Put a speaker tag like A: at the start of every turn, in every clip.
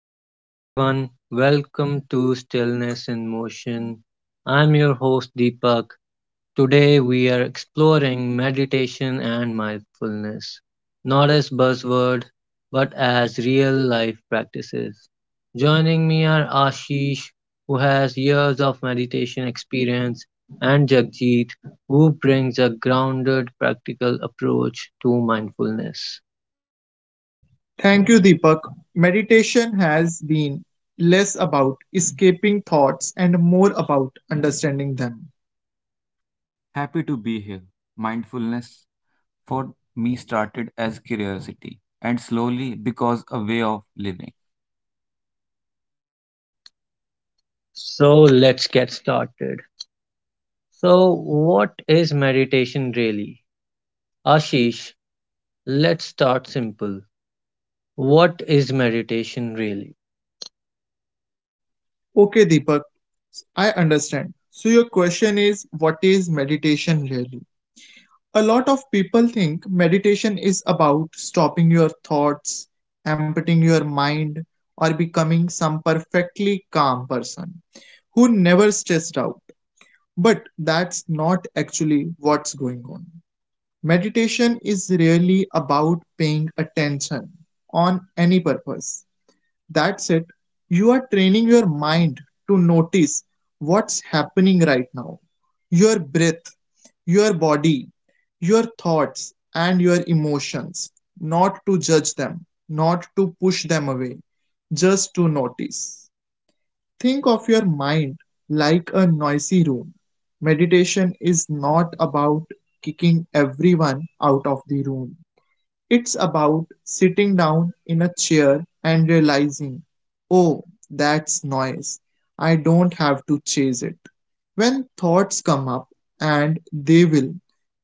A: Hello everyone, welcome to Stillness in Motion. I'm your host Deepak. Today we are exploring meditation and mindfulness, not as buzzword, but as real life practices. Joining me are Ashish, who has years of meditation experience, and Jagjeet, who brings a grounded, practical approach to mindfulness.
B: Thank you, Deepak. Meditation has been less about escaping thoughts and more about understanding them.
C: Happy to be here. Mindfulness for me started as curiosity and slowly because a way of living.
A: So let's get started. So, what is meditation really? Ashish, let's start simple. What is meditation really?
B: Okay, Deepak, I understand. So, your question is what is meditation really? A lot of people think meditation is about stopping your thoughts, emptying your mind, or becoming some perfectly calm person who never stressed out. But that's not actually what's going on. Meditation is really about paying attention on any purpose. That's it. You are training your mind to notice what's happening right now, your breath, your body, your thoughts, and your emotions. Not to judge them, not to push them away, just to notice. Think of your mind like a noisy room. Meditation is not about kicking everyone out of the room. It's about sitting down in a chair and realizing, oh, that's noise. I don't have to chase it. When thoughts come up, and they will,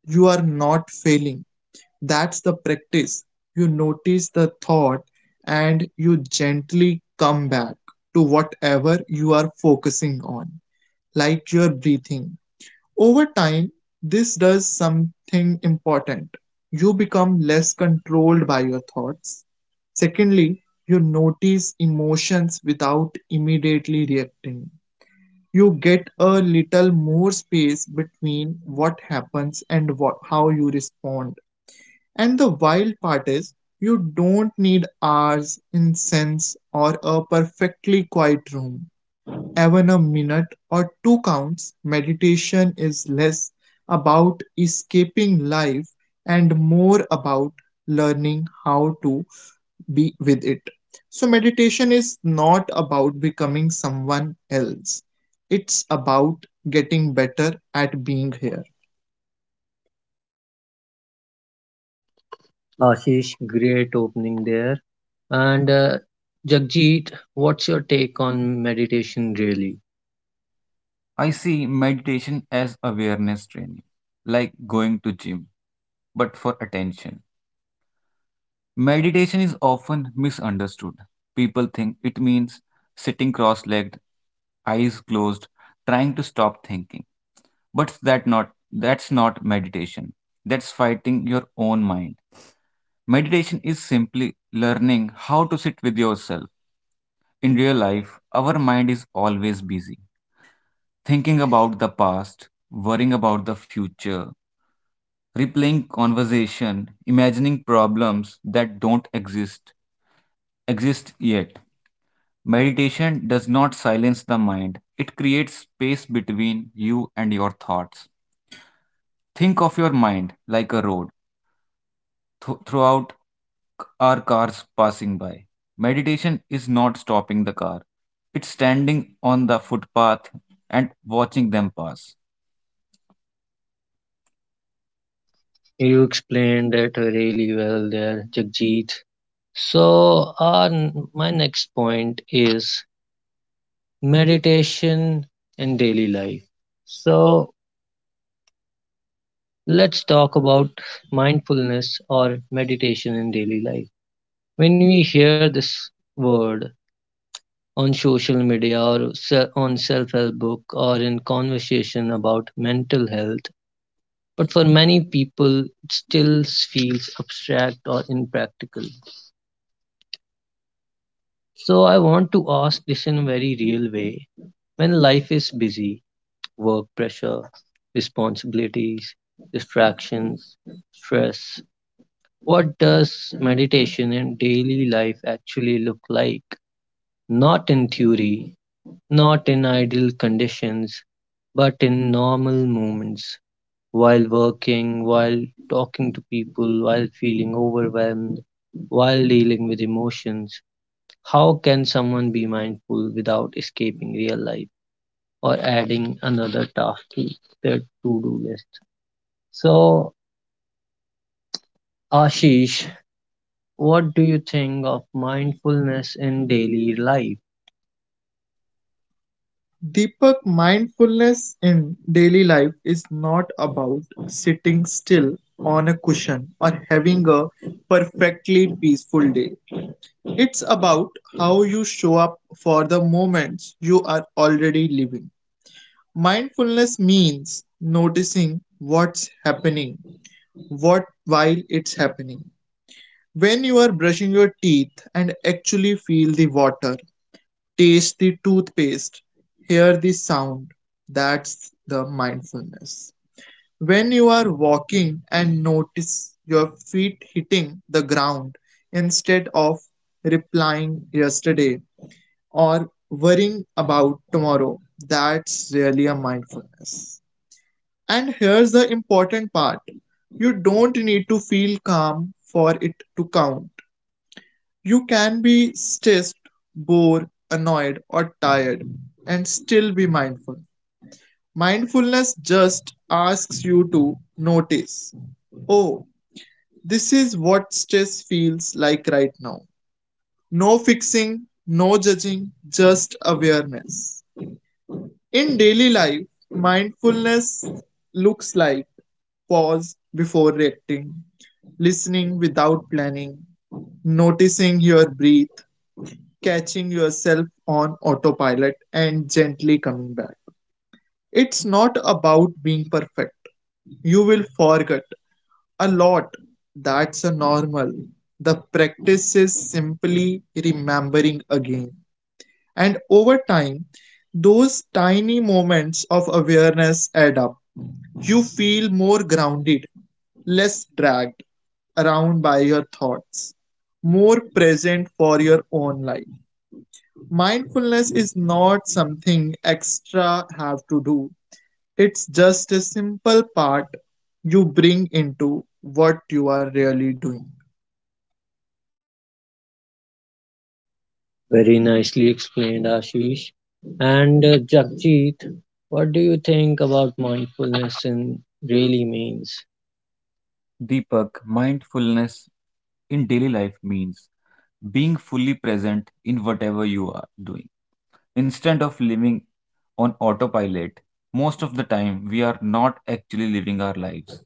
B: you are not failing. That's the practice. You notice the thought and you gently come back to whatever you are focusing on, like your breathing. Over time, this does something important. You become less controlled by your thoughts. Secondly, you notice emotions without immediately reacting. You get a little more space between what happens and what, how you respond. And the wild part is, you don't need hours, incense, or a perfectly quiet room. Even a minute or two counts. Meditation is less about escaping life and more about learning how to be with it. So, meditation is not about becoming someone else, it's about getting better at being here.
A: Ashish, great opening there. And Jagjit, what's your take on meditation really?
C: I see meditation as awareness training, like going to gym, but for attention. Meditation is often misunderstood. People think it means sitting cross-legged, eyes closed, trying to stop thinking. But that's not meditation. That's fighting your own mind. Meditation is simply learning how to sit with yourself. In real life, our mind is always busy, thinking about the past, worrying about the future, replaying conversation, imagining problems that don't exist yet. Meditation does not silence the mind. It creates space between you and your thoughts. Think of your mind like a road throughout our cars passing by. Meditation is not stopping the car, it's standing on the footpath and watching them pass.
A: You explained it really well there, Jagjit. So, my next point is meditation in daily life. So, let's talk about mindfulness or meditation in daily life. When we hear this word on social media or on self help book or in conversation about mental health, but for many people, it still feels abstract or impractical. So, I want to ask this in a very real way. When life is busy, work pressure, responsibilities, distractions, stress, what does meditation in daily life actually look like? Not in theory, not in ideal conditions, but in normal moments, while working, while talking to people, while feeling overwhelmed, while dealing with emotions. How can someone be mindful without escaping real life or adding another task to their to do list? So, Ashish, what do you think of mindfulness in daily life?
B: Deepak, mindfulness in daily life is not about sitting still on a cushion or having a perfectly peaceful day. It's about how you show up for the moments you are already living. Mindfulness means noticing what's happening, what while it's happening. When you are brushing your teeth and actually feel the water, taste the toothpaste, hear the sound. That's the mindfulness. When you are walking and notice your feet hitting the ground instead of replying yesterday or worrying about tomorrow, that's really a mindfulness. And here's the important part, you don't need to feel calm for it to count. You can be stressed, bored, annoyed, or tired and still be mindful. Mindfulness just asks you to notice, oh, this is what stress feels like right now. No fixing, no judging, just awareness. In daily life, mindfulness looks like pause before reacting, listening without planning, noticing your breath, catching yourself on autopilot and gently coming back. It's not about being perfect. You will forget a lot. That's a normal. The practice is simply remembering again. And over time, those tiny moments of awareness add up. You feel more grounded, less dragged around by your thoughts, more present for your own life. Mindfulness is not something extra have to do. It's just a simple part you bring into what you are really doing.
A: Very nicely explained, Ashish. And Jagjit, what do you think about mindfulness and really means?
C: Deepak, mindfulness in daily life means being fully present in whatever you are doing. Instead of living on autopilot, most of the time we are not actually living our lives.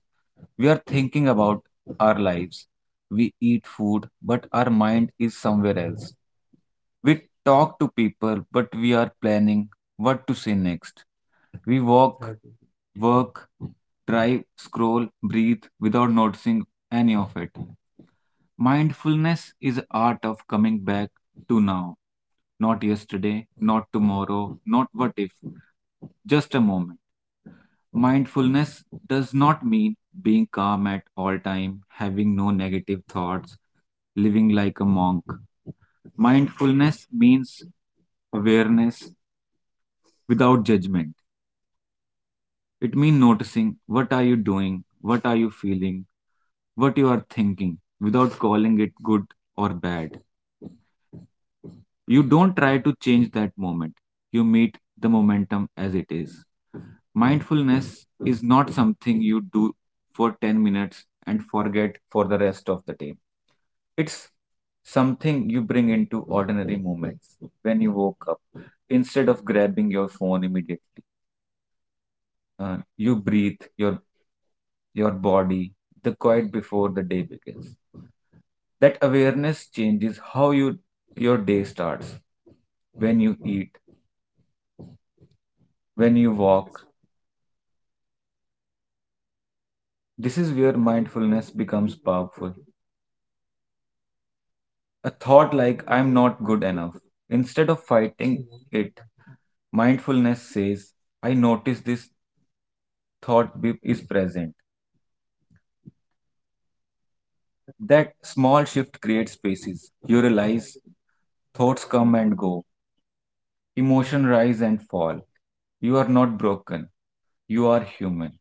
C: We are thinking about our lives. We eat food, but our mind is somewhere else. We talk to people, but we are planning what to say next. We walk, exactly, work, drive, scroll, breathe without noticing any of it. Mindfulness is the art of coming back to now. Not yesterday, not tomorrow, not what if. Just a moment. Mindfulness does not mean being calm at all time, having no negative thoughts, living like a monk. Mindfulness means awareness without judgment. It means noticing what are you doing, what are you feeling, what you are thinking without calling it good or bad. You don't try to change that moment. You meet the momentum as it is. Mindfulness is not something you do for 10 minutes and forget for the rest of the day. It's something you bring into ordinary moments when you woke up. Instead of grabbing your phone immediately, you breathe, your body, the quiet before the day begins. That awareness changes how you your day starts, when you eat, when you walk. This is where mindfulness becomes powerful. A thought like I'm not good enough. Instead of fighting it, mindfulness says, I notice this thought is present. That small shift creates spaces. You realize thoughts come and go, emotion rise and fall. You are not broken. You are human.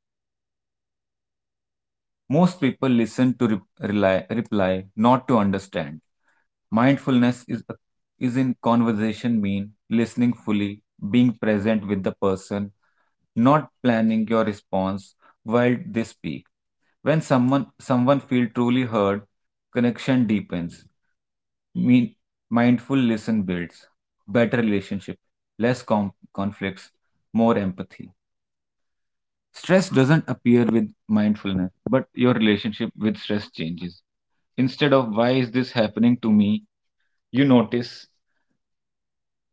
C: Most people listen to reply, not to understand. Mindfulness is in conversation mean listening fully, being present with the person, not planning your response while they speak. When someone feel truly heard, connection deepens. Mean Mindful listen builds better relationship, less conflicts, more empathy. Stress doesn't appear with mindfulness, but your relationship with stress changes. Instead of why is this happening to me, you notice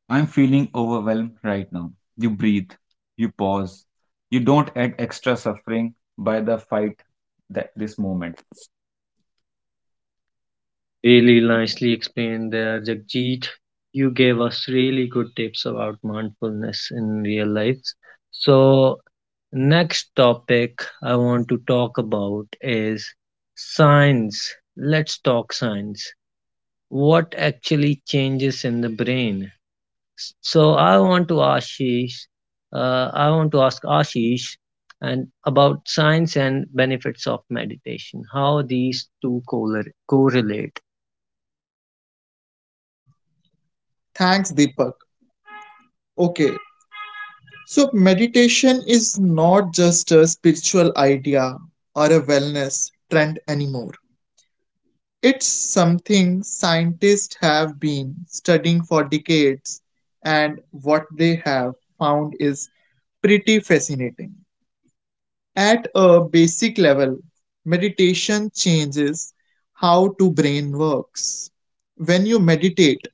C: I'm feeling overwhelmed right now. You breathe, you pause, you don't add extra suffering by the fight that this moment.
A: Really nicely explained there, Jagjit. You gave us really good tips about mindfulness in real life. So, next topic I want to talk about is science. Let's talk science. What actually changes in the brain? So I want to Ashish, I want to ask Ashish and about science and benefits of meditation, how these two correlate.
B: Thanks, Deepak. Okay, so meditation is not just a spiritual idea or a wellness trend anymore. It's something scientists have been studying for decades, and what they have found is pretty fascinating. At a basic level, meditation changes how the brain works. When you meditate,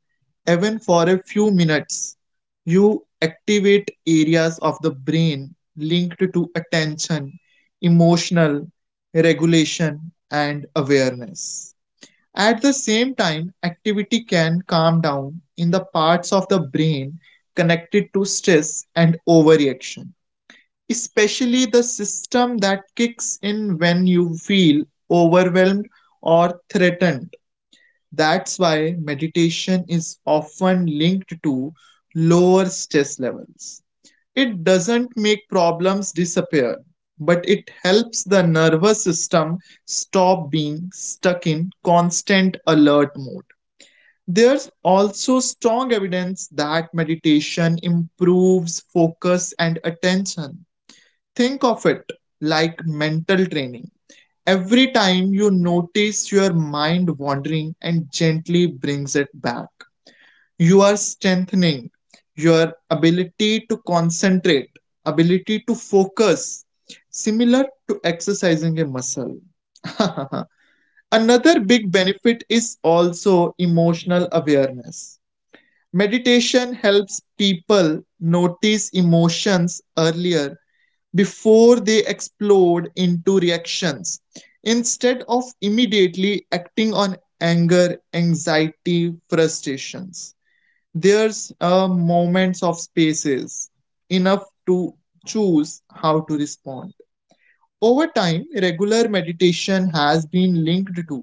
B: even for a few minutes, you activate areas of the brain linked to attention, emotional regulation, and awareness. At the same time, activity can calm down in the parts of the brain connected to stress and overreaction, especially the system that kicks in when you feel overwhelmed or threatened. That's why meditation is often linked to lower stress levels. It doesn't make problems disappear, but it helps the nervous system stop being stuck in constant alert mode. There's also strong evidence that meditation improves focus and attention. Think of it like mental training. Every time you notice your mind wandering and gently brings it back, you are strengthening your ability to concentrate, ability to focus, similar to exercising a muscle. Another big benefit is also emotional awareness. Meditation helps people notice emotions earlier before they explode into reactions. Instead of immediately acting on anger, anxiety, frustrations, there's moments of spaces enough to choose how to respond. Over time, regular meditation has been linked to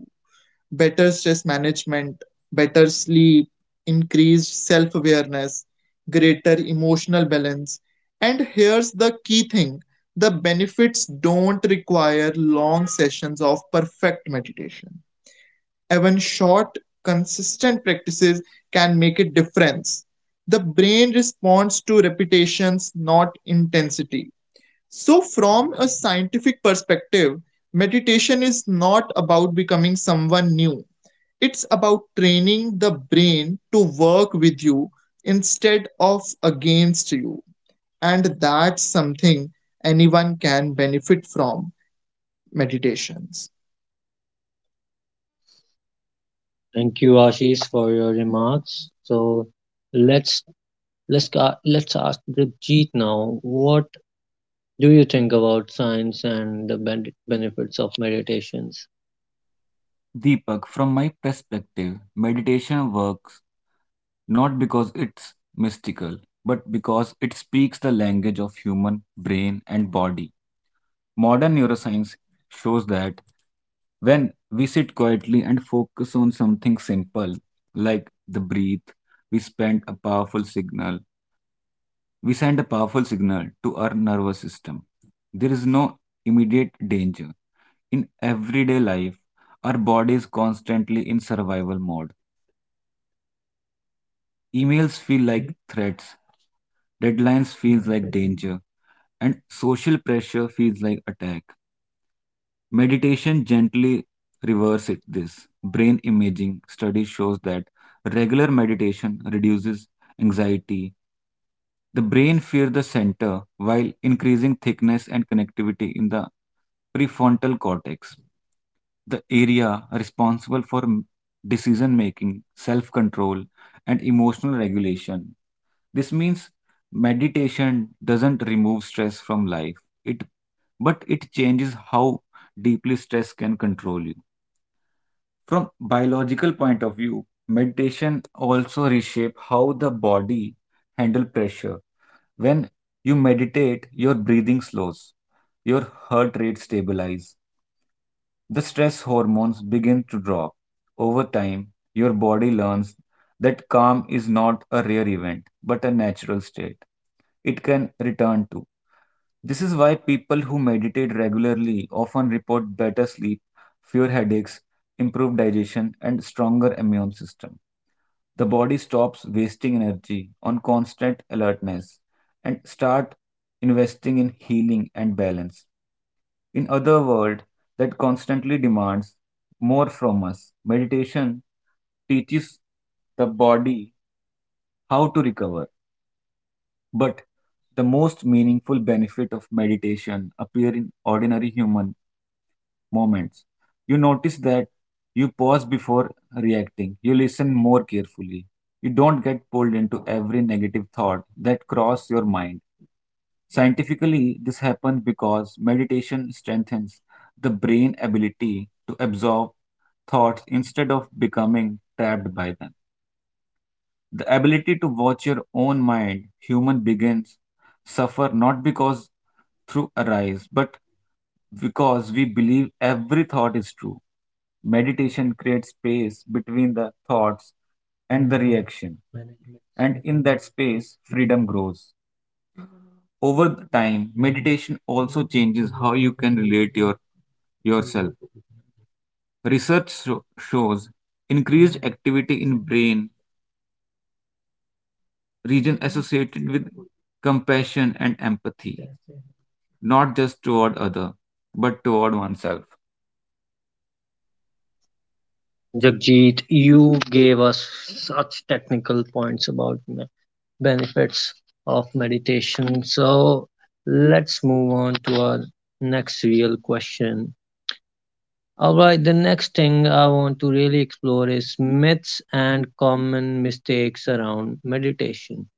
B: better stress management, better sleep, increased self awareness, greater emotional balance. And here's the key thing, the benefits don't require long sessions of perfect meditation. Even short, consistent practices can make a difference. The brain responds to repetitions, not intensity. So, from a scientific perspective, meditation is not about becoming someone new, it's about training the brain to work with you instead of against you. And that's something anyone can benefit from, meditations.
A: Thank you, Ashish, for your remarks. So let's let's ca- let's ask Jeet now. What do you think about science and the benefits of meditations?
C: Deepak, from my perspective, meditation works not because it's mystical, but because it speaks the language of human brain and body. Modern neuroscience shows that when we sit quietly and focus on something simple like the breath, we spend a powerful signal. We send a powerful signal to our nervous system. There is no immediate danger. In everyday life, our body is constantly in survival mode. Emails feel like threats, deadlines feels like danger, and social pressure feels like attack. Meditation gently reverses it this. Brain imaging study shows that regular meditation reduces anxiety, the brain fear the center while increasing thickness and connectivity in the prefrontal cortex, the area responsible for decision making, self control, and emotional regulation. This means meditation doesn't remove stress from life. It But it changes how deeply stress can control you. From biological point of view, meditation also reshape how the body handle pressure. When you meditate, your breathing slows, your heart rate stabilizes, the stress hormones begin to drop. Over time, your body learns that calm is not a rare event, but a natural state it can return to. This is why people who meditate regularly often report better sleep, fewer headaches, improved digestion, and stronger immune system. The body stops wasting energy on constant alertness and start investing in healing and balance. In other world that constantly demands more from us, meditation teaches the body how to recover. But the most meaningful benefit of meditation appear in ordinary human moments. You notice that you pause before reacting, you listen more carefully. You don't get pulled into every negative thought that crosses your mind. Scientifically, this happens because meditation strengthens the brain ability to absorb thoughts instead of becoming trapped by them. The ability to watch your own mind, human begins suffer not because through arise, but because we believe every thought is true. Meditation creates space between the thoughts and the reaction, and in that space, freedom grows. Over the time, meditation also changes how you can relate yourself. Research shows increased activity in brain region associated with compassion and empathy, not just toward other, but toward oneself.
A: Jagjit, you gave us such technical points about benefits of meditation. So let's move on to our next real question. All right, the next thing I want to really explore is myths and common mistakes around meditation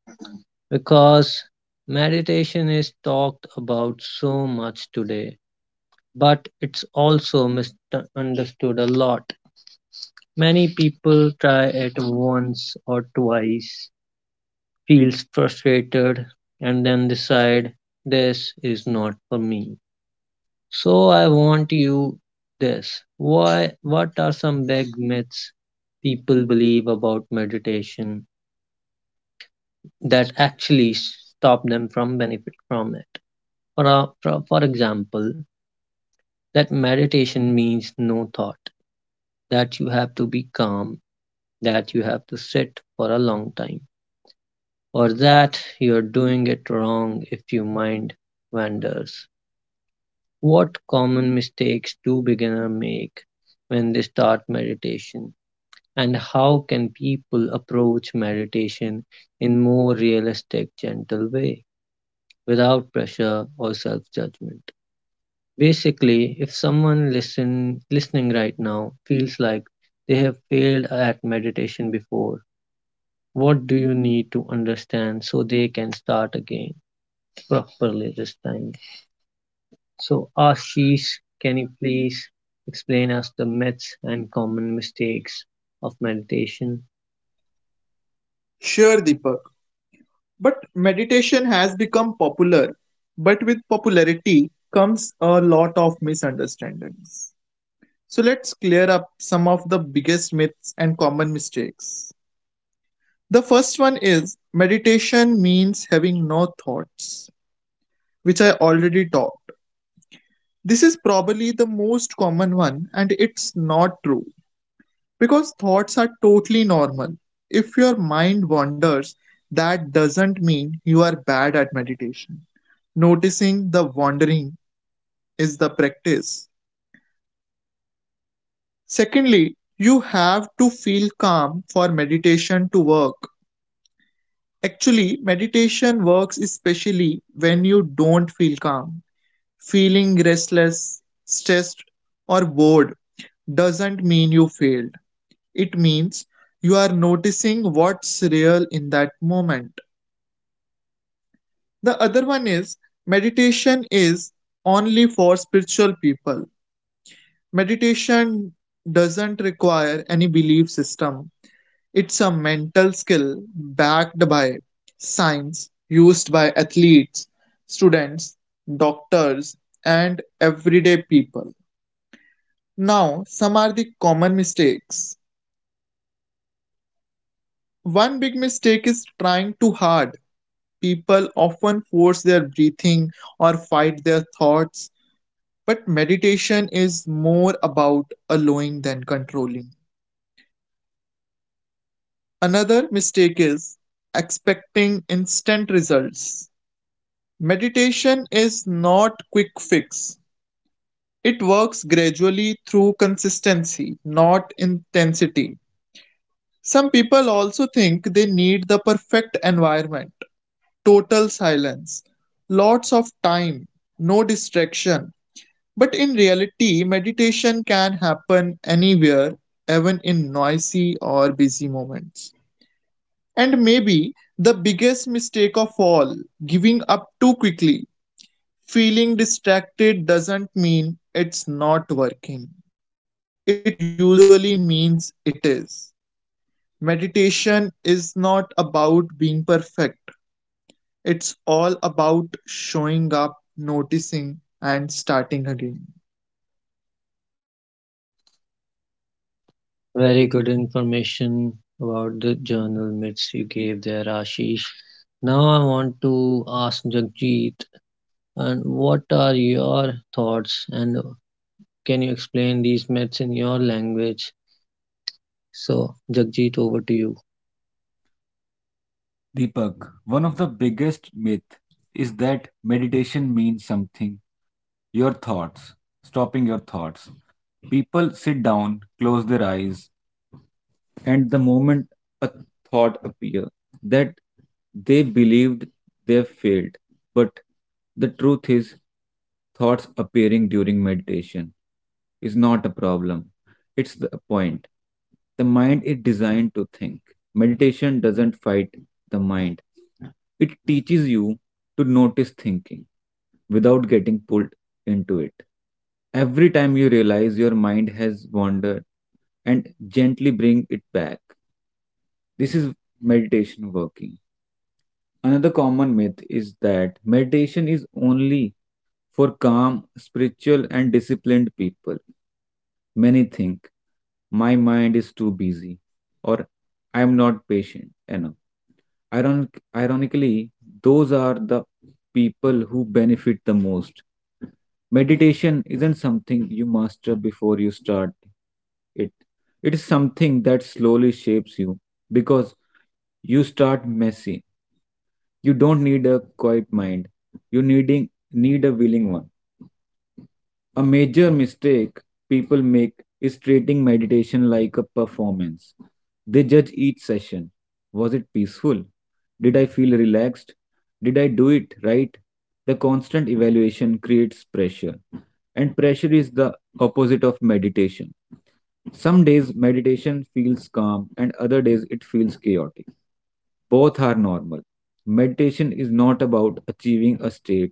A: because meditation is talked about so much today, but it's also misunderstood a lot. Many people try it once or twice feels frustrated and then decide this is not for me. So I want you this. Why what are some big myths people believe about meditation that actually stop them from benefit from it? For example, that meditation means no thought, that you have to be calm, that you have to sit for a long time, or that you're doing it wrong if your mind wanders. What common mistakes do beginners make when they start meditation? And how can people approach meditation in more realistic, gentle way without pressure or self-judgment? Basically, if someone listening right now feels like they have failed at meditation before, what do you need to understand so they can start again properly this time? So Ashish, can you please explain us the myths and common mistakes of meditation?
B: Sure, Deepak. But meditation has become popular. But with popularity comes a lot of misunderstandings. So let's clear up some of the biggest myths and common mistakes. The first one is meditation means having no thoughts, which I already talked. This is probably the most common one, and it's not true because thoughts are totally normal. If your mind wanders, that doesn't mean you are bad at meditation. Noticing the wandering is the practice. Secondly, you have to feel calm for meditation to work. Actually, meditation works especially when you don't feel calm. Feeling restless, stressed, or bored doesn't mean you failed. It means you are noticing what's real in that moment. The other one is meditation is only for spiritual people. Meditation doesn't require any belief system, it's a mental skill backed by science, used by athletes, students, doctors, and everyday people. Now, some are the common mistakes. One big mistake is trying too hard. People often force their breathing or fight their thoughts, but meditation is more about allowing than controlling. Another mistake is expecting instant results. Meditation is not quick fix. It works gradually through consistency, not intensity. Some people also think they need the perfect environment, total silence, lots of time, no distraction, but in reality, meditation can happen anywhere, even in noisy or busy moments. And maybe the biggest mistake of all, giving up too quickly. Feeling distracted doesn't mean it's not working. It usually means it is. Meditation is not about being perfect. It's all about showing up, noticing, and starting again.
A: Very good information about the journal myths you gave there, Ashish. Now I want to ask Jagjit, and what are your thoughts, and can you explain these myths in your language? So, Jagjit, over to you.
C: Deepak, one of the biggest myth is that meditation means something. Your thoughts, stopping your thoughts. People sit down, close their eyes, and the moment a thought appeared that they believed they failed, but the truth is thoughts appearing during meditation is not a problem, it's the point. The mind is designed to think. Meditation doesn't fight the mind, it teaches you to notice thinking without getting pulled into it. Every time you realize your mind has wandered and gently bring it back. This is meditation working. Another common myth is that meditation is only for calm, spiritual, and disciplined people. Many think my mind is too busy or I am not patient enough. Ironic, Ironically, those are the people who benefit the most. Meditation isn't something you master before you start it. It is something that slowly shapes you because you start messy. You don't need a quiet mind. You need a willing one. A major mistake people make is treating meditation like a performance. They judge each session. Was it peaceful? Did I feel relaxed? Did I do it right? The constant evaluation creates pressure, and pressure is the opposite of meditation. Some days meditation feels calm, and other days it feels chaotic. Both are normal. Meditation is not about achieving a state,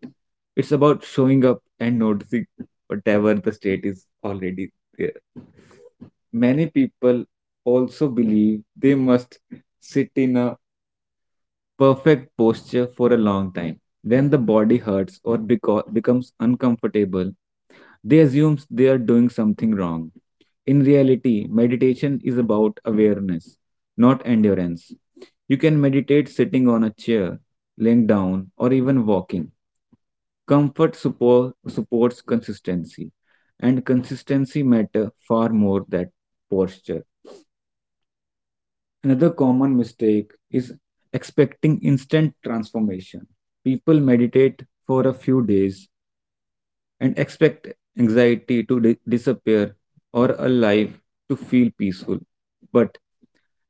C: it's about showing up and noticing whatever the state is already there. Many people also believe they must sit in a perfect posture for a long time. When the body hurts or becomes uncomfortable, they assume they are doing something wrong. In reality, meditation is about awareness, not endurance. You can meditate sitting on a chair, laying down, or even walking. Supports consistency, and consistency matter far more than posture. Another common mistake is expecting instant transformation. People meditate for a few days and expect anxiety to disappear or a life to feel peaceful. But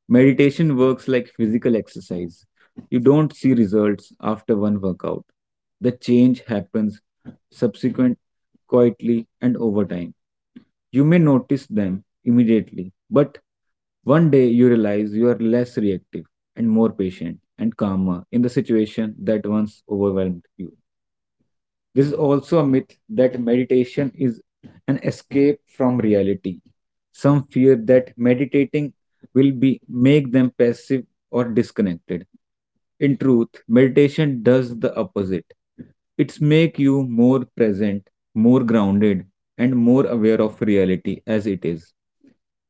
C: meditation works like physical exercise. You don't see results after one workout. The change happens subsequent, quietly, and over time. You may notice them immediately, but one day you realize you are less reactive and more patient and calmer in the situation that once overwhelmed you. This is also a myth that meditation is an escape from reality. Some fear that meditating will be make them passive or disconnected. In truth, meditation does the opposite. It's make you more present, more grounded, and more aware of reality as it is.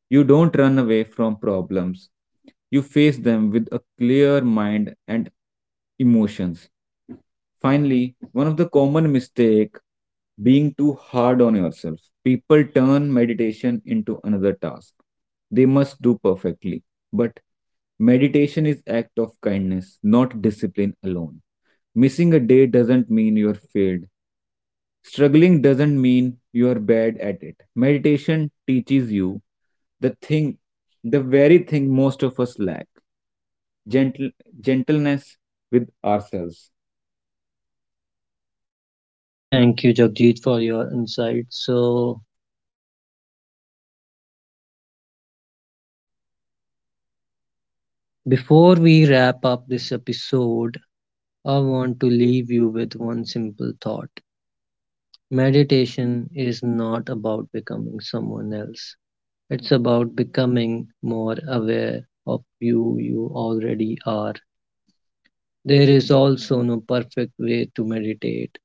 C: You don't run away from problems, you face them with a clear mind and emotions. Finally, one of the common mistake being too hard on yourself. People turn meditation into another task they must do perfectly. But meditation is act of kindness, not discipline alone. Missing a day doesn't mean you're failed. Struggling doesn't mean you're bad at it. Meditation teaches you the thing, the very thing most of us lack, gentle, gentleness with ourselves.
A: Thank you, Jagjit, for your insight. So, before we wrap up this episode, I want to leave you with one simple thought. Meditation is not about becoming someone else, it's about becoming more aware of you already are. There is also no perfect way to meditate,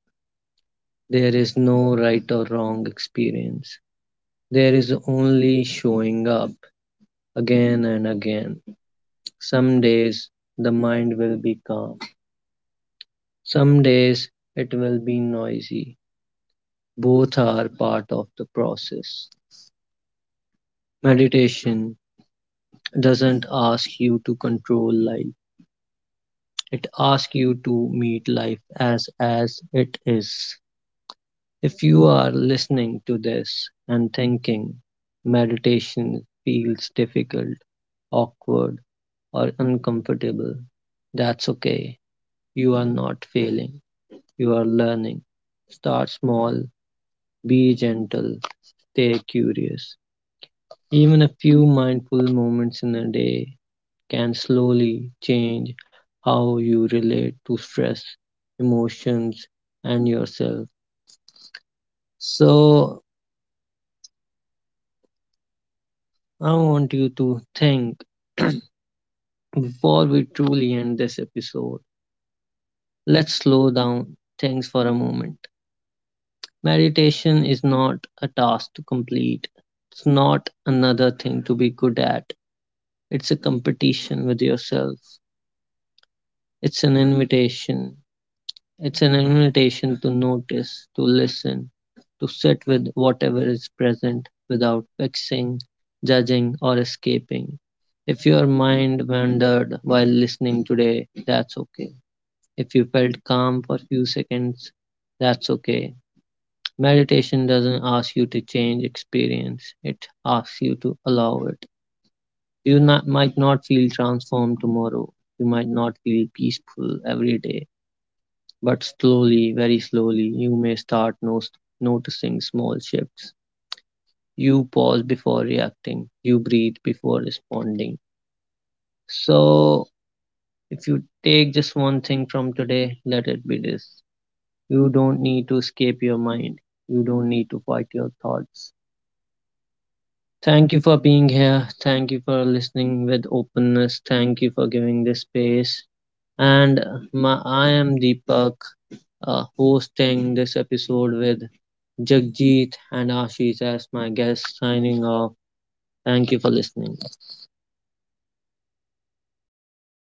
A: there is no right or wrong experience. There is only showing up again and again. Some days the mind will be calm, some days it will be noisy. Both are part of the process. Meditation doesn't ask you to control life. It asks you to meet life as it is. If you are listening to this and thinking meditation feels difficult, awkward, or uncomfortable, that's okay. You are not failing. You are learning. Start small, be gentle, stay curious. Even a few mindful moments in a day can slowly change how you relate to stress, emotions, and yourself. So, I want you to think before we truly end this episode. Let's slow down things for a moment. Meditation is not a task to complete, it's not another thing to be good at. It's a competition with yourself, it's an invitation it's an invitation to notice, to listen, to sit with whatever is present without fixing, judging, or escaping. If your mind wandered while listening today, that's okay. If you felt calm for a few seconds, that's okay. Meditation doesn't ask you to change experience, it asks you to allow it. You not, might not feel transformed tomorrow, you might not feel peaceful every day but slowly, very slowly, you may start noticing small shifts. You pause before reacting, you breathe before responding. So, if you take just one thing from today, let it be this you don't need to escape your mind, you don't need to fight your thoughts. Thank you for being here. Thank you for listening with openness. Thank you for giving this space. I am Deepak hosting this episode with Jagjeet and Ashish as my guests signing off. Thank you for listening.